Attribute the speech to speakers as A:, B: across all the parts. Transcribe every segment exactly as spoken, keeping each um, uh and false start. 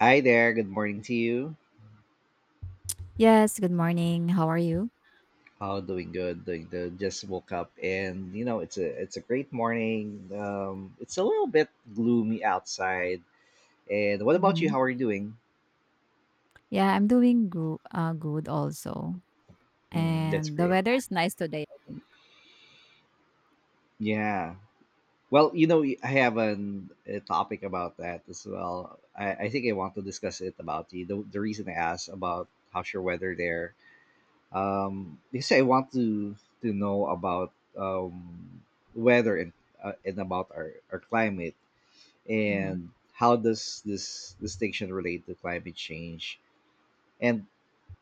A: Hi there. Good morning to you.
B: Yes, good morning. How are you?
A: Oh, doing good. Doing good. Just woke up, and you know it's a it's a great morning. Um, it's a little bit gloomy outside. And what about you?
B: Hmm.
A: How are you doing?
B: Yeah, I'm doing gro- uh, good also.
A: Hmm, that's
B: And the
A: great.
B: weather is nice today, I think.
A: Yeah. Well, you know, I have an, a topic about that as well. I, I think I want to discuss it about you. The, the reason I asked about how's your weather there, um, because I want to to know about um, weather and uh, and about our, our climate.
B: Hmm.
A: And how does this distinction relate to climate change? And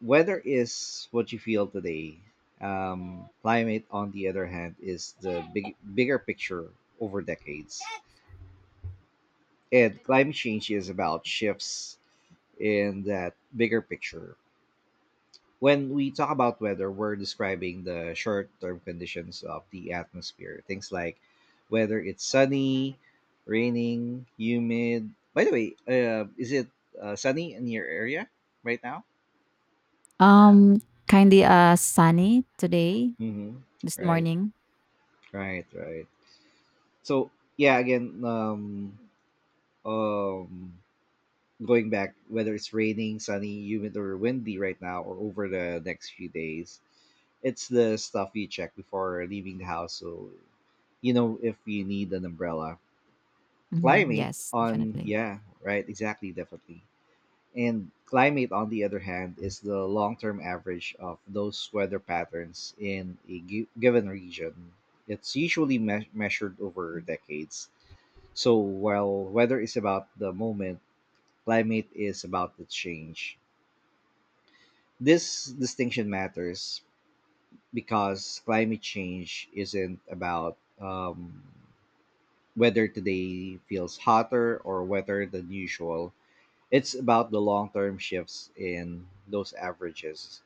A: weather is what you feel today. Um, climate, on the other hand, is the big bigger picture over decades, and climate change is about shifts in that bigger picture. When we talk about weather, we're describing the short term conditions of the atmosphere. Things like whether it's sunny, raining, humid. By the way, uh, is it uh, sunny in your area right now?
B: Um, Kindly uh sunny today
A: Mm-hmm.
B: this
A: Right,
B: morning.
A: right, right. So, yeah, again, um, um, going back, whether it's raining, sunny, humid, or windy right now, or over the next few days, it's the stuff you check before leaving the house. So you know if you need an umbrella.
B: Hmm.
A: Climate
B: Yes,
A: on,
B: definitely.
A: yeah, right, exactly, definitely. And climate, on the other hand, is the long-term average of those weather patterns in a gi- given region. It's usually me- measured over decades. So while weather is about the moment, climate is about to change. This distinction matters because climate change isn't about, um, whether today feels hotter or wetter than usual. It's about the long term shifts in those averages.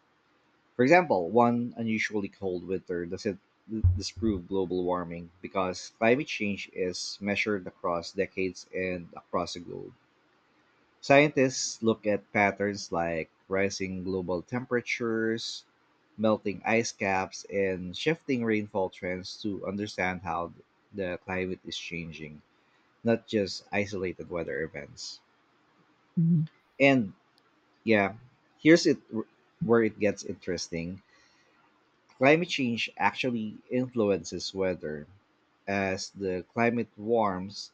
A: For example, one unusually cold winter doesn't d- disprove global warming because climate change is measured across decades and across the globe. Scientists look at patterns like rising global temperatures, melting ice caps, and shifting rainfall trends to understand how the climate is changing, not just isolated weather events.
B: Hmm.
A: And, yeah, here's it where it gets interesting. Climate change actually influences weather. As the climate warms,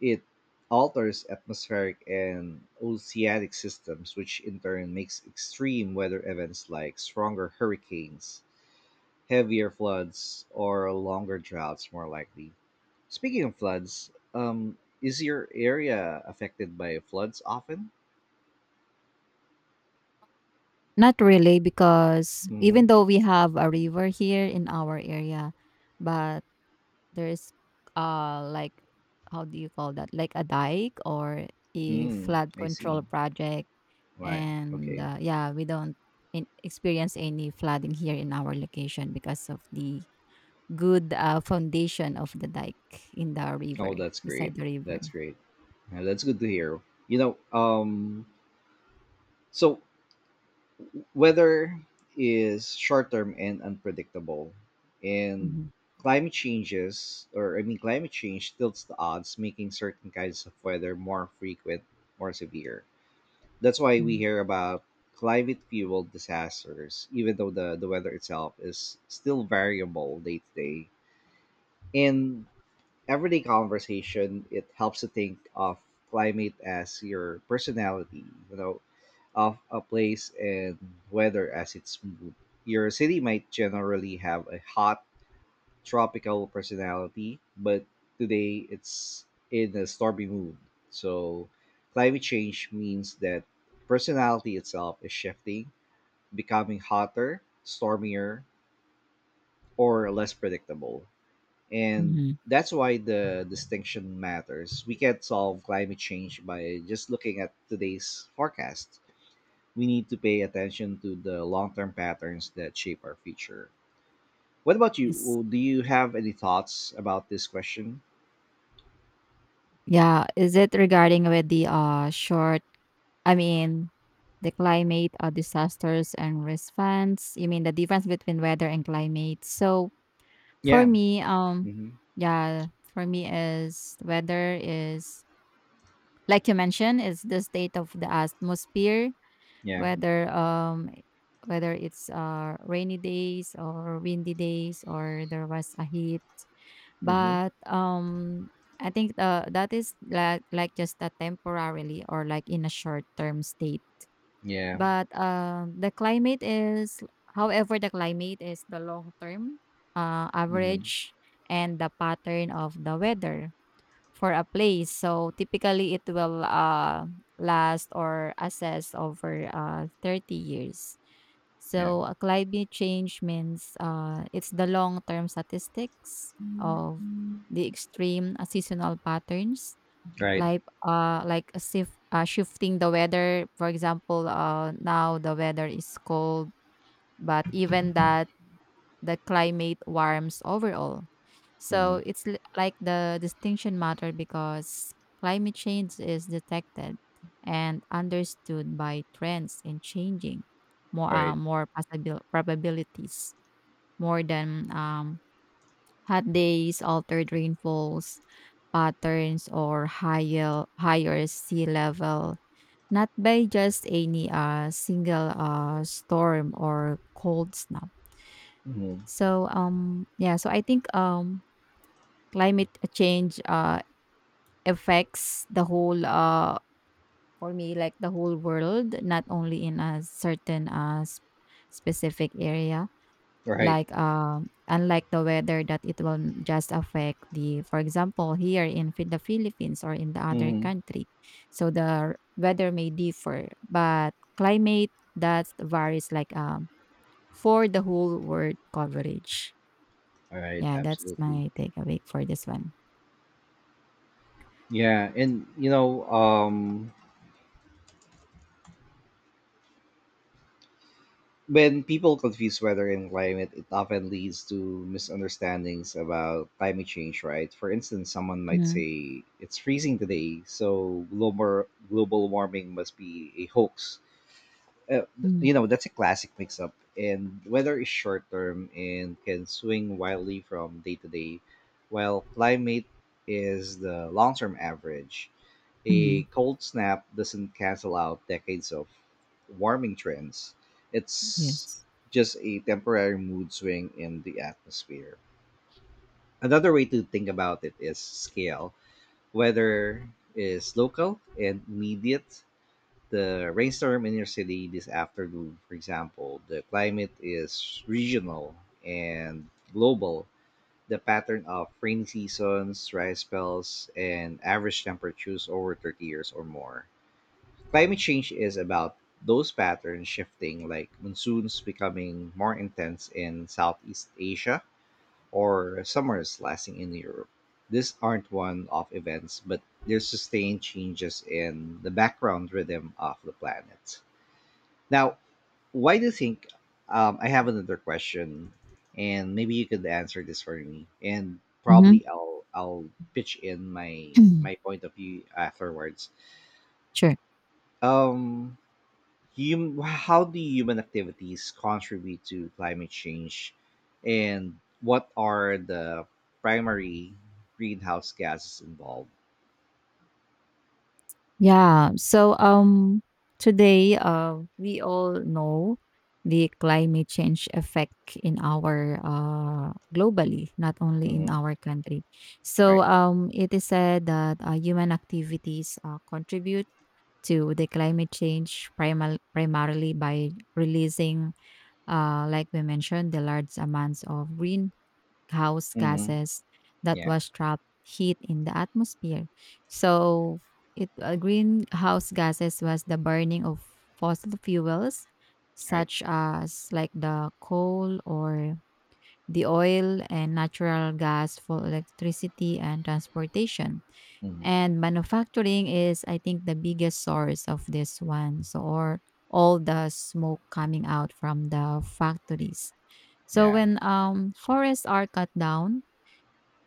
A: it alters atmospheric and oceanic systems, which in turn makes extreme weather events like stronger hurricanes, heavier floods, or longer droughts more likely. Speaking of floods, um, is your area affected by floods often?
B: Not really, because
A: Hmm.
B: even though we have a river here in our area, but there's uh like, how do you call that, like a dike or a
A: Mm,
B: flood
A: I
B: control
A: see.
B: project.
A: Why?
B: And
A: Okay.
B: uh, yeah, we don't in- experience any flooding here in our location because of the good uh, foundation of the dike in the river,
A: Oh, that's great.
B: beside the
A: That's
B: river.
A: great. Yeah, that's good to hear. You know, um, so weather is short term and unpredictable, and
B: Mhm.
A: climate changes, or I mean, climate change tilts the odds, making certain kinds of weather more frequent, more severe. That's why we
B: Mm-hmm.
A: hear about climate fueled disasters, even though the, the weather itself is still variable day to day. And everyday conversation, it helps to think of climate as your personality, you know, of a place, and weather as its mood. Your city might generally have a hot tropical personality, but today it's in a stormy mood. So climate change means that personality itself is shifting, becoming hotter, stormier, or less predictable, and
B: Mm-hmm.
A: that's why the distinction matters. We can't solve climate change by just looking at today's forecast. We need to pay attention to the long-term patterns that shape our future. What about you?
B: Yes.
A: Well, do you have any thoughts about this question?
B: Yeah, is it regarding with the uh short I mean the climate uh, disasters and response? You mean the difference between weather and climate? So for
A: Yeah.
B: me, um
A: Mm-hmm.
B: yeah, for me is weather is, like you mentioned, is the state of the atmosphere,
A: Yeah.
B: whether um whether it's uh rainy days or windy days, or there was a heat.
A: Mm-hmm.
B: But, um, I think, uh, that is like like just a temporarily or like in a short term state.
A: Yeah.
B: But, uh, the climate is, however, the climate is the long term, uh,
A: Mm-hmm.
B: average and the pattern of the weather for a place. So typically it will uh, last or assess over uh, thirty years.
A: Yeah.
B: So uh, climate change means, uh, it's the long-term statistics of the extreme uh, seasonal patterns,
A: Right.
B: like uh, like a sif- uh, shifting the weather. For example, uh, now the weather is cold, but even that, the climate warms overall.
A: Mm-hmm.
B: So it's li- like, the distinction matter because climate change is detected and understood by trends in changing more uh,
A: Right.
B: more possible probabilities more than um, hot days, altered rainfalls patterns, or higher higher sea level. Not by just any uh, single uh, storm or cold snap.
A: Mm-hmm.
B: So um yeah, so I think um climate uh, change uh affects the whole uh for me like the whole world, not only in a certain uh s- specific area,
A: Right.
B: like um unlike the weather that it will n- just affect the, for example, here in Phi- the Philippines or in the other
A: Mm-hmm.
B: country. So the r- weather may differ, but climate, that varies like um for the whole world coverage.
A: Right.
B: Yeah, that's
A: Absolutely.
B: my takeaway for this one.
A: Yeah. And you know, um, when people confuse weather and climate, it often leads to misunderstandings about climate change, right? For instance, someone might
B: Mhm,
A: say it's freezing today, so global global warming must be a hoax. uh,
B: mhm,
A: you know, that's a classic mix-up. And weather is short-term and can swing wildly from day to day, while climate is the long-term average. A
B: mhm.
A: cold snap doesn't cancel out decades of warming trends. It's
B: Yes.
A: just a temporary mood swing in the atmosphere. Another way to think about it is scale. Weather is local and immediate, the rainstorm in your city this afternoon, for example. The climate is regional and global. The pattern of rainy seasons, dry spells, and average temperatures over thirty years or more. Climate change is about those patterns shifting, like monsoons becoming more intense in Southeast Asia, or summers lasting in Europe. These aren't one off events, but they're sustained changes in the background rhythm of the planet. Now, why do you think? Um, I have another question, and maybe you could answer this for me. And
B: Mhm.
A: probably I'll I'll pitch in my my point of view afterwards.
B: Sure.
A: Um, hum, how do human activities contribute to climate change, and what are the primary greenhouse gases involved?
B: Yeah. So um today uh we all know the climate change effect in our uh globally, not only in
A: Mm-hmm.
B: our country. So
A: Right.
B: um it is said that uh, human activities uh, contribute to the climate change primal, primarily by releasing, uh, like we mentioned, the large amounts of greenhouse
A: Mm-hmm.
B: gases that
A: Yeah.
B: was trapped heat in the atmosphere. So it uh, greenhouse gases was the burning of fossil fuels,
A: Right.
B: such as like the coal or the oil and natural gas for electricity and transportation
A: Mm-hmm.
B: and manufacturing is, I think, the biggest source of this one. So or all the smoke coming out from the factories. So
A: Yeah.
B: when um forests are cut down,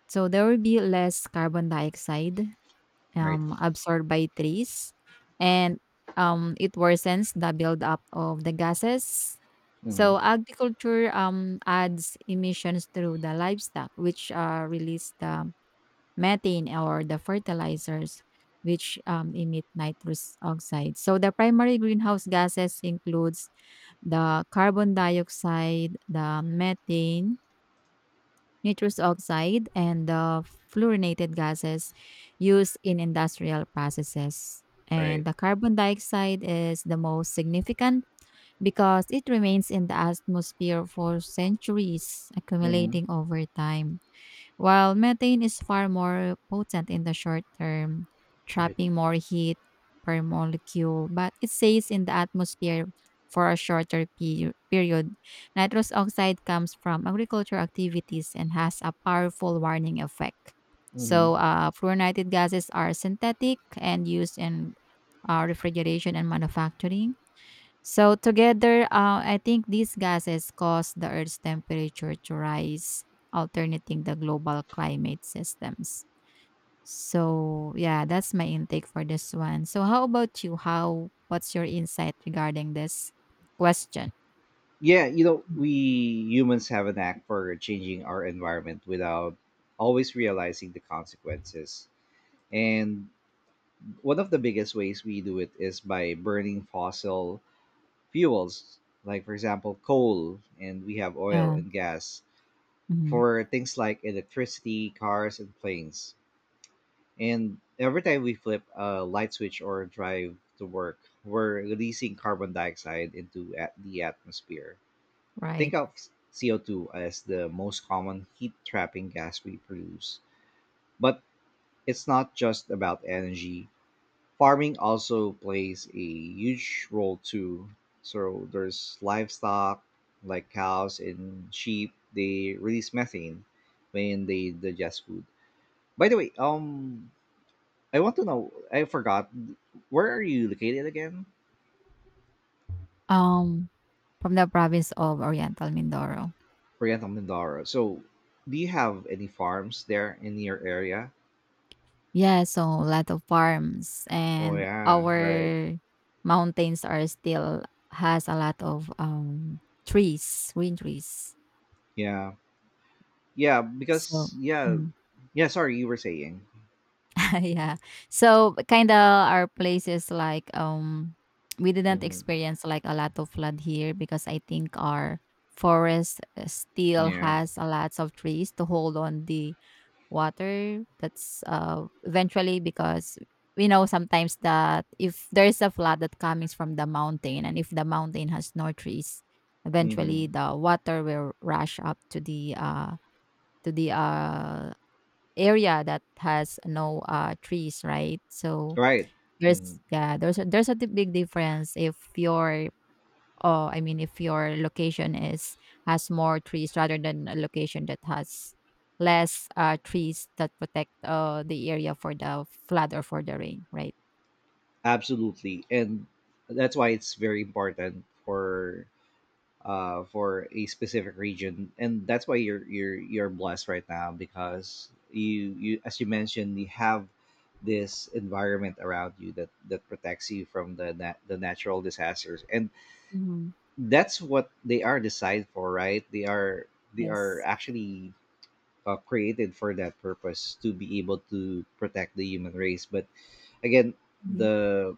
B: so there will be less carbon dioxide
A: Right.
B: um absorbed by trees, and um it worsens the buildup of the gases.
A: Mm-hmm.
B: So agriculture um adds emissions through the livestock, which uh, release the methane, or the fertilizers, which um, emit nitrous oxide. So the primary greenhouse gases includes the carbon dioxide, the methane, nitrous oxide, and the fluorinated gases used in industrial processes. And
A: Right.
B: the carbon dioxide is the most significant because it remains in the atmosphere for centuries,
A: Mm-hmm.
B: accumulating over time. While methane is far more potent in the short term,
A: Right.
B: trapping more heat per molecule, but it stays in the atmosphere for a shorter pe- period. Nitrous oxide comes from agricultural activities and has a powerful warning effect.
A: Mm-hmm.
B: So, uh, fluorinated gases are synthetic and used in uh, refrigeration and manufacturing. So together, uh, I think these gases cause the Earth's temperature to rise, alternating the global climate systems. So yeah, that's my intake for this one. So how about you? How what's your insight regarding this question?
A: Yeah, you know,
B: Mm.
A: we humans have a knack for changing our environment without always realizing the consequences. And one of the biggest ways we do it is by burning fossil fuels, like, for example, coal, and we have oil
B: Yeah,
A: and gas
B: mhm,
A: for things like electricity, cars, and planes. And every time we flip a light switch or drive to work, we're releasing carbon dioxide into at- the atmosphere. Think
B: right.
A: of C O two as the most common heat trapping gas we produce. But it's not just about energy. Farming also plays a huge role too. So there's livestock like cows and sheep, they release methane when they digest food. By the way, um I want to know, I forgot, where are you located again?
B: Um, from the province of Oriental Mindoro.
A: Oriental Mindoro. So do you have any farms there in your area?
B: Yeah, so a lot of farms,
A: Oh
B: and
A: yeah, right.
B: our mountains are still has a lot of um trees, green trees.
A: Yeah. Yeah,
B: So
A: because, yeah,
B: mm.
A: yeah. Sorry, you were saying.
B: Yeah. So kind of, our place is like um we didn't
A: Hmm.
B: experience like a lot of flood here because I think our forest uh, still
A: Yeah.
B: has a lots of trees to hold on the water that's uh eventually, because we know sometimes that if there's a flood that comes from the mountain and if the mountain has no trees, eventually
A: Hmm.
B: the water will rush up to the uh to the uh area that has no uh trees, right? So
A: Right. Hmm.
B: there's yeah there's a there's a di- big difference if your, oh I mean, if your location is has more trees rather than a location that has less uh trees that protect uh the area for the flood or for the rain, right?
A: Absolutely, and that's why it's very important for uh for a specific region, and that's why you're you're you're blessed right now, because you you, as you mentioned, you have this environment around you that that protects you from the nat- the natural disasters. And
B: Mm-hmm.
A: that's what they are designed for, right? They are, they are
B: Yes.
A: actually, uh, created for that purpose, to be able to protect the human race. But again,
B: Hmm.
A: the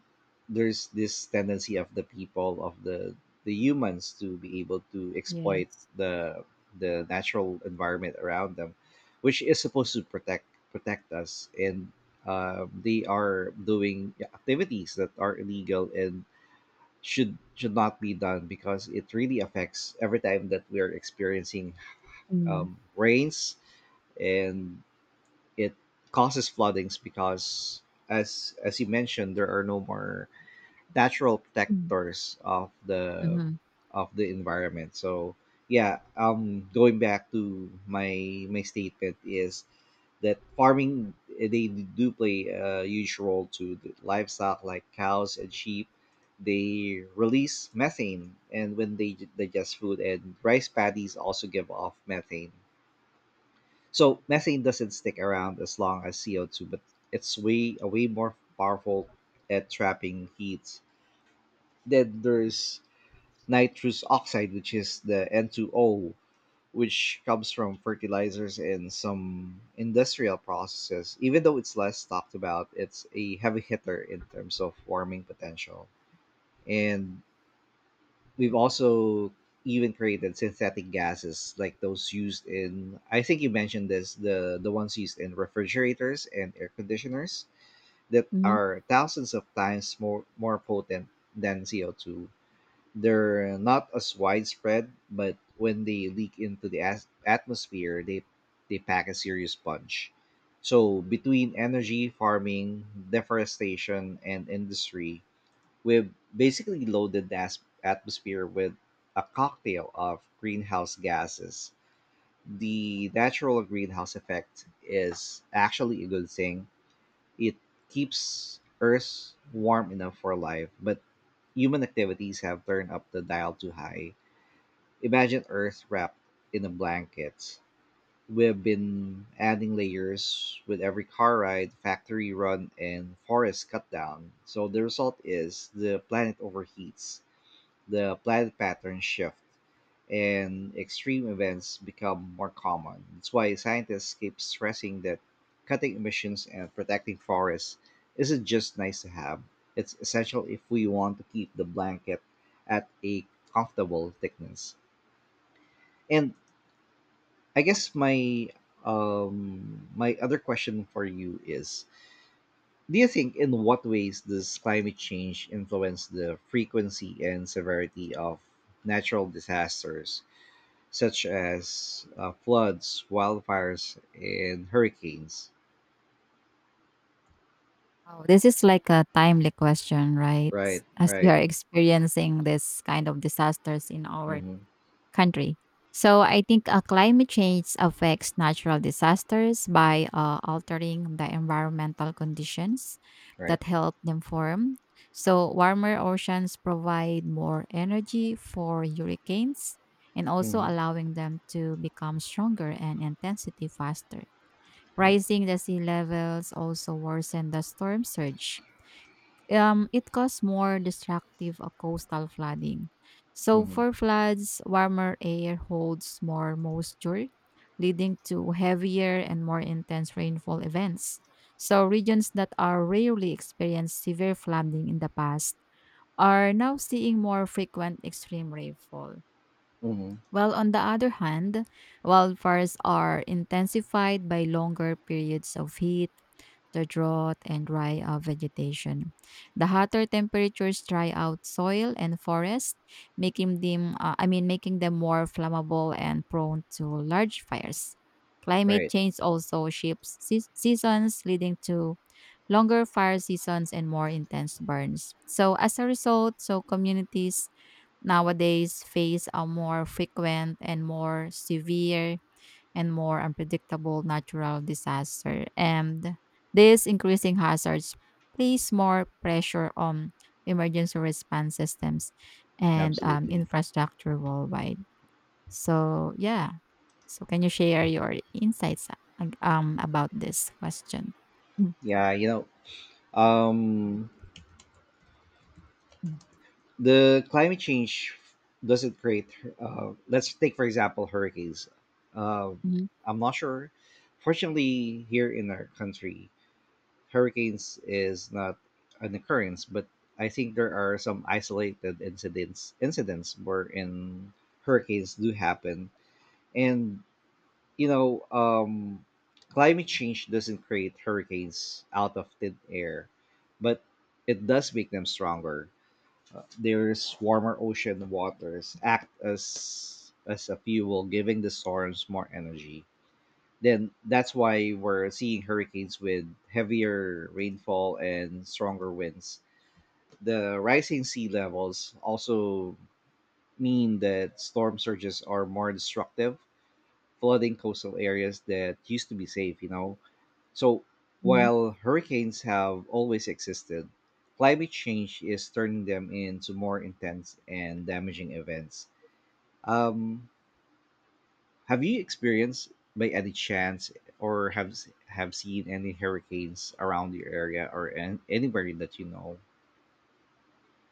A: there's this tendency of the people, of the the humans, to be able to exploit
B: Yes.
A: the the natural environment around them, which is supposed to protect, protect us. And uh, they are doing activities that are illegal and should should not be done, because it really affects every time that we are experiencing
B: Mm-hmm.
A: um, rains, and it causes floodings because, as as you mentioned, there are no more natural protectors of the
B: Mm-hmm.
A: of the environment. So, yeah, um going back to my my statement is that farming, eh, they do play a huge role. To the livestock like cows and sheep, they release methane and when they digest food, and rice paddies also give off methane. So methane doesn't stick around as long as C O two, but it's way a way more powerful at trapping heat. Then there's nitrous oxide, which is the N two O, which comes from fertilizers and some industrial processes. Even though it's less talked about, it's a heavy hitter in terms of warming potential. And we've also even created synthetic gases, like those used in, I think you mentioned this, the the ones used in refrigerators and air conditioners, that
B: Mm-hmm.
A: are thousands of times more more potent than C O two. They're not as widespread, but when they leak into the as- atmosphere, they they pack a serious punch. So between energy, farming, deforestation, and industry, we've basically loaded the as- atmosphere with a cocktail of greenhouse gases. The natural greenhouse effect is actually a good thing. It keeps Earth warm enough for life, but human activities have turned up the dial too high. Imagine Earth wrapped in a blanket. We've been adding layers with every car ride, factory run, and forest cut down. So the result is the planet overheats, the planet patterns shift, and extreme events become more common. That's why scientists keep stressing that cutting emissions and protecting forests isn't just nice to have, it's essential if we want to keep the blanket at a comfortable thickness. And I guess my um my other question for you is, do you think, in what ways does climate change influence the frequency and severity of natural disasters such as, uh, floods, wildfires, and hurricanes?
B: Oh, this is like a timely question, right,
A: Right,
B: as we
A: right,
B: are experiencing this kind of disasters in our
A: mm-hmm,
B: country. So I think uh, climate change affects natural disasters by uh, altering the environmental conditions
A: right,
B: that help them form. So warmer oceans provide more energy for hurricanes and also
A: mm-hmm,
B: allowing them to become stronger and intensity faster.
A: right,
B: Rising the sea levels also worsen the storm surge, um, it caused more destructive uh, coastal flooding. So,
A: mm-hmm,
B: for floods, warmer air holds more moisture, leading to heavier and more intense rainfall events. So, regions that are rarely experienced severe flooding in the past are now seeing more frequent extreme rainfall.
A: mm-hmm,
B: Well, on the other hand, wildfires are intensified by longer periods of heat, the drought, and dry uh, vegetation. The hotter temperatures dry out soil and forest, making them uh, I mean making them more flammable and prone to large fires. Climate
A: right.
B: change also shifts seas- seasons, leading to longer fire seasons and more intense burns. So as a result, so communities nowadays face a more frequent and more severe and more unpredictable natural disaster. And these increasing hazards place more pressure on emergency response systems and um,
A: Absolutely.
B: infrastructure worldwide. So, yeah. So, can you share your insights uh, um, about this question? Mm,
A: Yeah, you know, um,
B: mm,
A: the climate change doesn't create. Uh, let's take, for example, hurricanes. Um, I'm not sure. Fortunately, here in our country, hurricanes is not an occurrence, but I think there are some isolated incidents incidents wherein hurricanes do happen. And you know, um, climate change doesn't create hurricanes out of thin air, but it does make them stronger. Uh, there's warmer ocean waters act as as a fuel, giving the storms more energy. Then that's why we're seeing hurricanes with heavier rainfall and stronger winds. The rising sea levels also mean that storm surges are more destructive, flooding coastal areas that used to be safe, you know. So
B: mhm.
A: while hurricanes have always existed, climate change is turning them into more intense and damaging events. Um, Have you experienced by any chance or have have seen any hurricanes around your area or an anywhere that you know?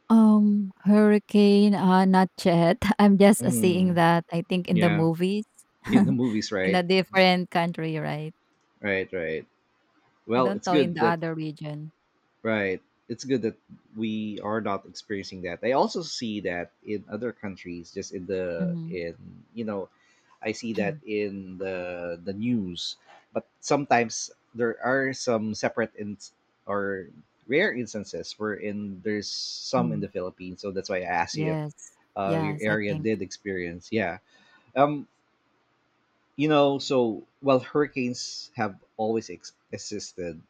B: Um, hurricane, uh, not yet. I'm just uh, seeing
A: Mm,
B: that, I think, in the
A: yeah,
B: movies
A: in the movies,
B: in a
A: right?
B: different country, right?
A: Right, right.
B: I
A: Well,
B: don't
A: it's
B: know in
A: good
B: the
A: that.
B: other region.
A: Right. It's good that we are not experiencing that. I also see that in other countries, just in the
B: Hmm.
A: in you know, I see that in the the news. But sometimes there are some separate in or rare instances wherein there's some in the
B: Mm.
A: Philippines. So that's why I asked you if
B: Yes.
A: uh, your
B: Yes, I
A: area
B: think.
A: did experience. Yeah. Um. You know, so while hurricanes have always ex- existed,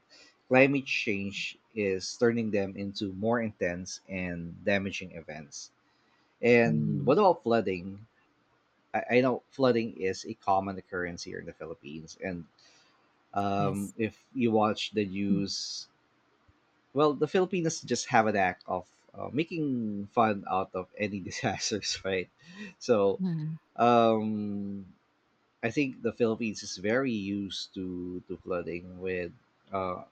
A: climate change is turning them into more intense and damaging events. And
B: Hmm.
A: what about flooding? I, I know flooding is a common occurrence here in the Philippines. And um,
B: Yes.
A: if you watch the news, well, the Filipinos just have a knack of uh, making fun out of any disasters, right? So
B: Mm-hmm.
A: um I think the Philippines is very used to to flooding with uh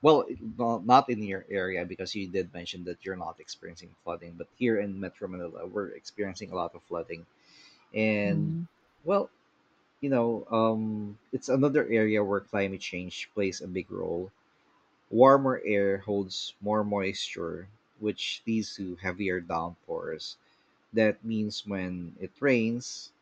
A: well it- no- not in your area because you did mention that you're not experiencing flooding, but here in Metro Manila we're experiencing a lot of flooding. And
B: Hmm.
A: well, you know um it's another area where climate change plays a big role. Warmer air holds more moisture, which leads to heavier downpours. That means when it rains,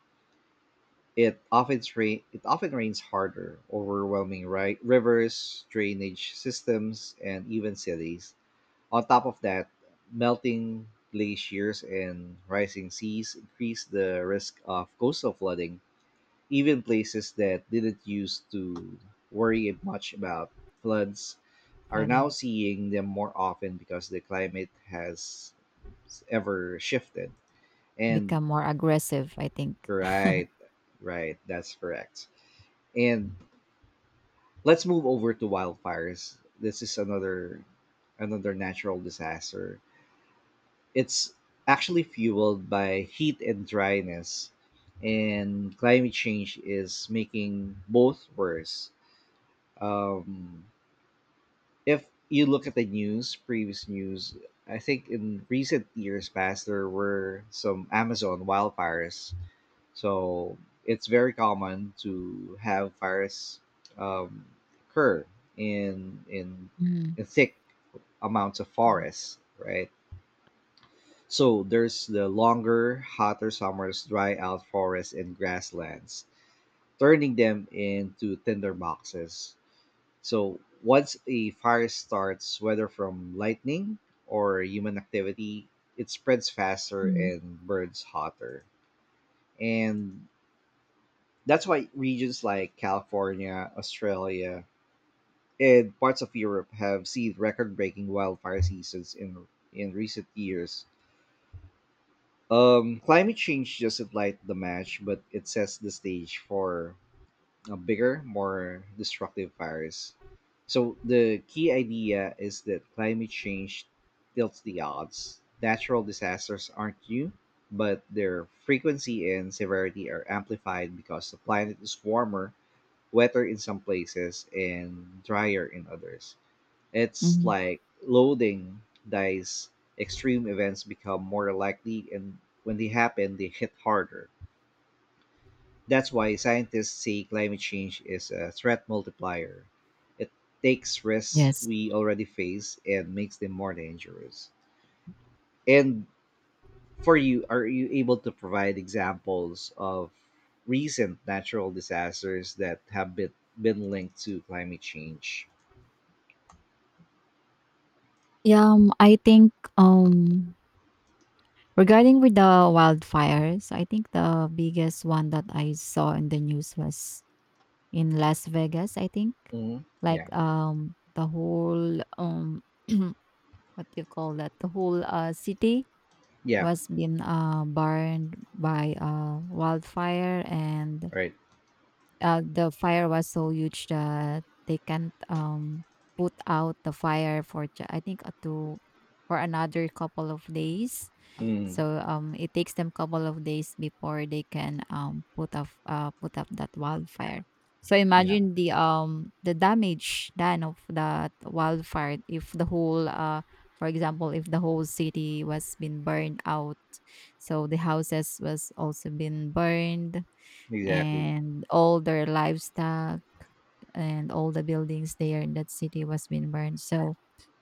A: it often rain it often rains harder, overwhelming ri- rivers, drainage systems, and even cities. On top of that, melting glaciers and rising seas increase the risk of coastal flooding. Even places that didn't used to worry much about floods are now
B: Flooding
A: seeing them more often because the climate has ever shifted. And
B: become more aggressive, I think.
A: right, right. That's correct. And let's move over to wildfires. This is another another natural disaster. It's actually fueled by heat and dryness, and climate change is making both worse. Um, if you look at the news, previous news, I think in recent years past there were some Amazon wildfires. So it's very common to have fires um, occur in in
B: Mm-hmm.
A: in thick amounts of forest, right? So there's the longer, hotter summers dry out forests and grasslands, turning them into tinder boxes. So once a fire starts, whether from lightning or human activity, it spreads faster and burns hotter. And that's why regions like California, Australia, and parts of Europe have seen record-breaking wildfire seasons in in recent years. Um, climate change doesn't light the match, but it sets the stage for a bigger, more destructive fires. So the key idea is that climate change tilts the odds. Natural disasters aren't new, but their frequency and severity are amplified because the planet is warmer, wetter in some places and drier in others. It's
B: Hmm.
A: like loading dice. Extreme events become more likely, and when they happen, they hit harder. That's why scientists say climate change is a threat multiplier. It takes risks
B: Yes.
A: we already face and makes them more dangerous. And for you, are you able to provide examples of recent natural disasters that have been, been linked to climate change?
B: Yeah, um, I think um regarding with the wildfires, I think the biggest one that I saw in the news was in Las Vegas, I think.
A: Hmm.
B: Like
A: Yeah.
B: um the whole um what do you call that? The whole uh city
A: Yeah.
B: was being uh burned by uh wildfire, and
A: Right.
B: uh the fire was so huge that they can't um put out the fire for ju- I think uh, to for another couple of days.
A: Mm.
B: So um, it takes them couple of days before they can um, put up uh, put up that wildfire. So
A: Yeah.
B: imagine the um the damage done of that wildfire if the whole uh for example, if the whole city was been burned out. So the houses was also been burned,
A: Exactly.
B: and all their livestock and all the buildings there in that city was being burned. So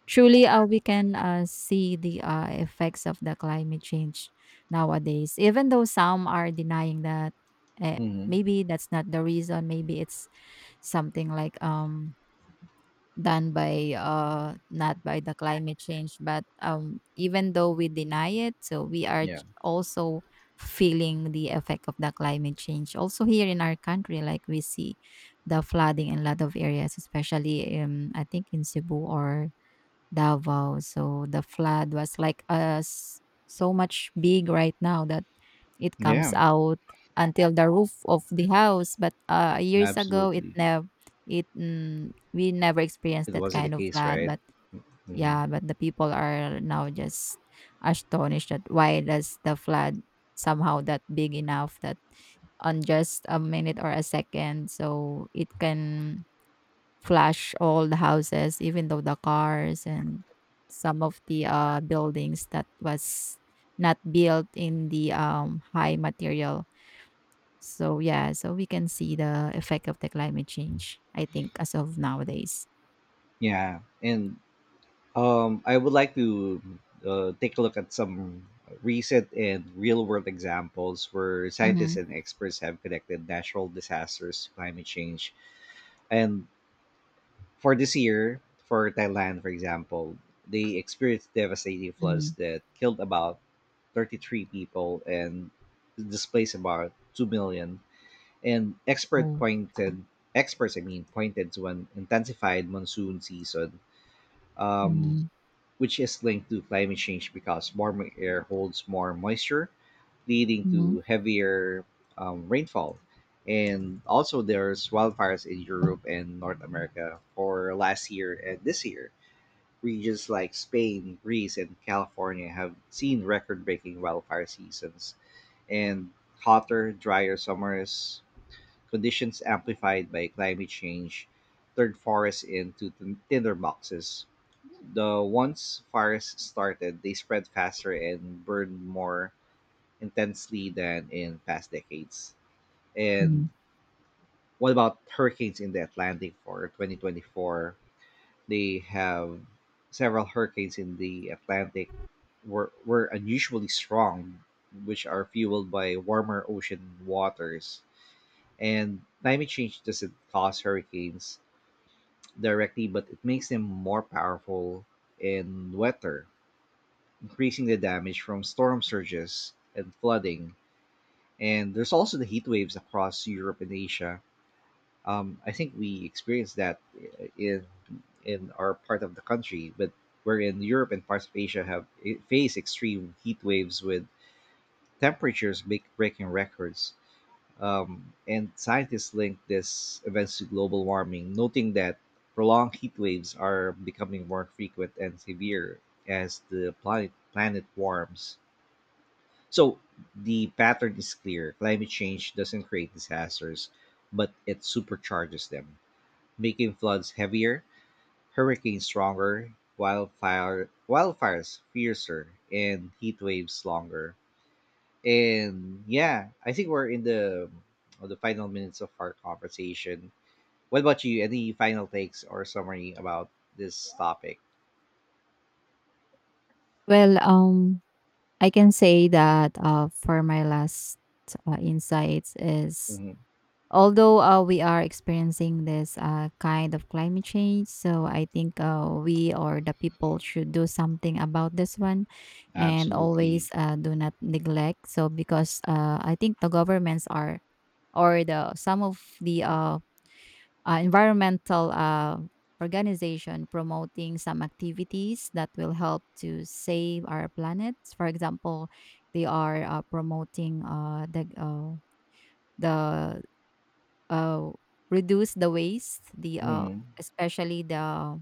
B: truly uh, we can uh, see the uh, effects of the climate change nowadays, even though some are denying that, eh,
A: Hmm.
B: maybe that's not the reason, maybe it's something like um done by uh not by the climate change. But um even though we deny it, so we are
A: Yeah.
B: ch- also feeling the effect of the climate change also here in our country, like we see the flooding in a lot of areas, especially um I think in Cebu or Davao. So the flood was like uh, s- so much big right now that it
A: Yeah.
B: comes out until the roof of the house. But uh, years ago, it
A: Absolutely.
B: never, it mm, we never experienced
A: It
B: that
A: wasn't the
B: kind of
A: case,
B: flood.
A: right?
B: But
A: Hmm.
B: yeah, but the people are now just astonished that why does the flood somehow that big enough that on just a minute or a second, so it can flash all the houses, even though the cars and some of the uh, buildings that was not built in the um, high material. So yeah, so we can see the effect of the climate change, I think, as of nowadays.
A: Yeah, and um, I would like to uh, take a look at some recent and real-world examples where
B: Mm-hmm.
A: scientists and experts have connected natural disasters to climate change. And for this year, for Thailand, for example, they experienced devastating
B: Hmm.
A: floods that killed about thirty-three people and displaced about two million. And expert
B: Oh.
A: pointed Experts, I mean, pointed to an intensified monsoon season, um,
B: Mm-hmm.
A: which is linked to climate change because warmer air holds more moisture, leading
B: Hmm.
A: to heavier um, rainfall. And also, there's wildfires in Europe and North America for last year and this year. Regions like Spain, Greece, and California have seen record breaking wildfire seasons, and hotter, drier summers conditions amplified by climate change turned forests into tin- tinderboxes. The once fires started, they spread faster and burned more intensely than in past decades. And what about hurricanes in the Atlantic for twenty twenty-four? They have several hurricanes in the Atlantic were, were unusually strong, which are fueled by warmer ocean waters, and climate change doesn't cause hurricanes directly, but it makes them more powerful and wetter, increasing the damage from storm surges and flooding. And there's also the heat waves across Europe and Asia. Um, I think we experienced that i- in in our part of the country, but where in Europe and parts of Asia have face extreme heat waves with temperatures break- breaking records. Um, and scientists link this events to global warming, noting that prolonged heat waves are becoming more frequent and severe as the planet, planet warms. So the pattern is clear. Climate change doesn't create disasters, but it supercharges them, making floods heavier, hurricanes stronger, wildfire, wildfires fiercer, and heat waves longer. And yeah, I think we're in the of the final minutes of our conversation. What about you? Any final takes or summary about this topic?
B: Well, um, I can say that uh, for my last uh, insights is,
A: Hmm.
B: although uh, we are experiencing this uh, kind of climate change, so I think uh, we or the people should do something about this one and
A: Absolutely.
B: always uh, do not neglect. So because uh, I think the governments are, or the some of the uh, uh, environmental uh, organization promoting some activities that will help to save our planet. For example, they are uh, promoting uh, the uh, the uh, reduce the waste, the uh,
A: Hmm.
B: especially the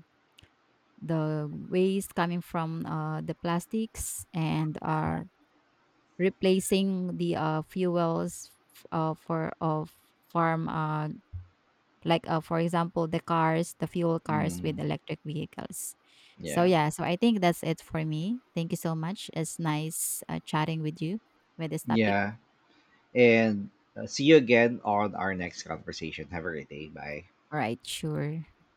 B: the waste coming from uh, the plastics, and are replacing the uh, fuels f- uh, for of farm, uh, like, uh, for example, the cars, the fuel cars
A: Hmm.
B: with electric vehicles. So
A: Yeah.
B: yeah, so I think that's it for me. Thank you so much. It's nice uh, chatting with you with this topic.
A: Yeah. And uh, see you again on our next conversation. Have a great day. Bye.
B: All right, sure.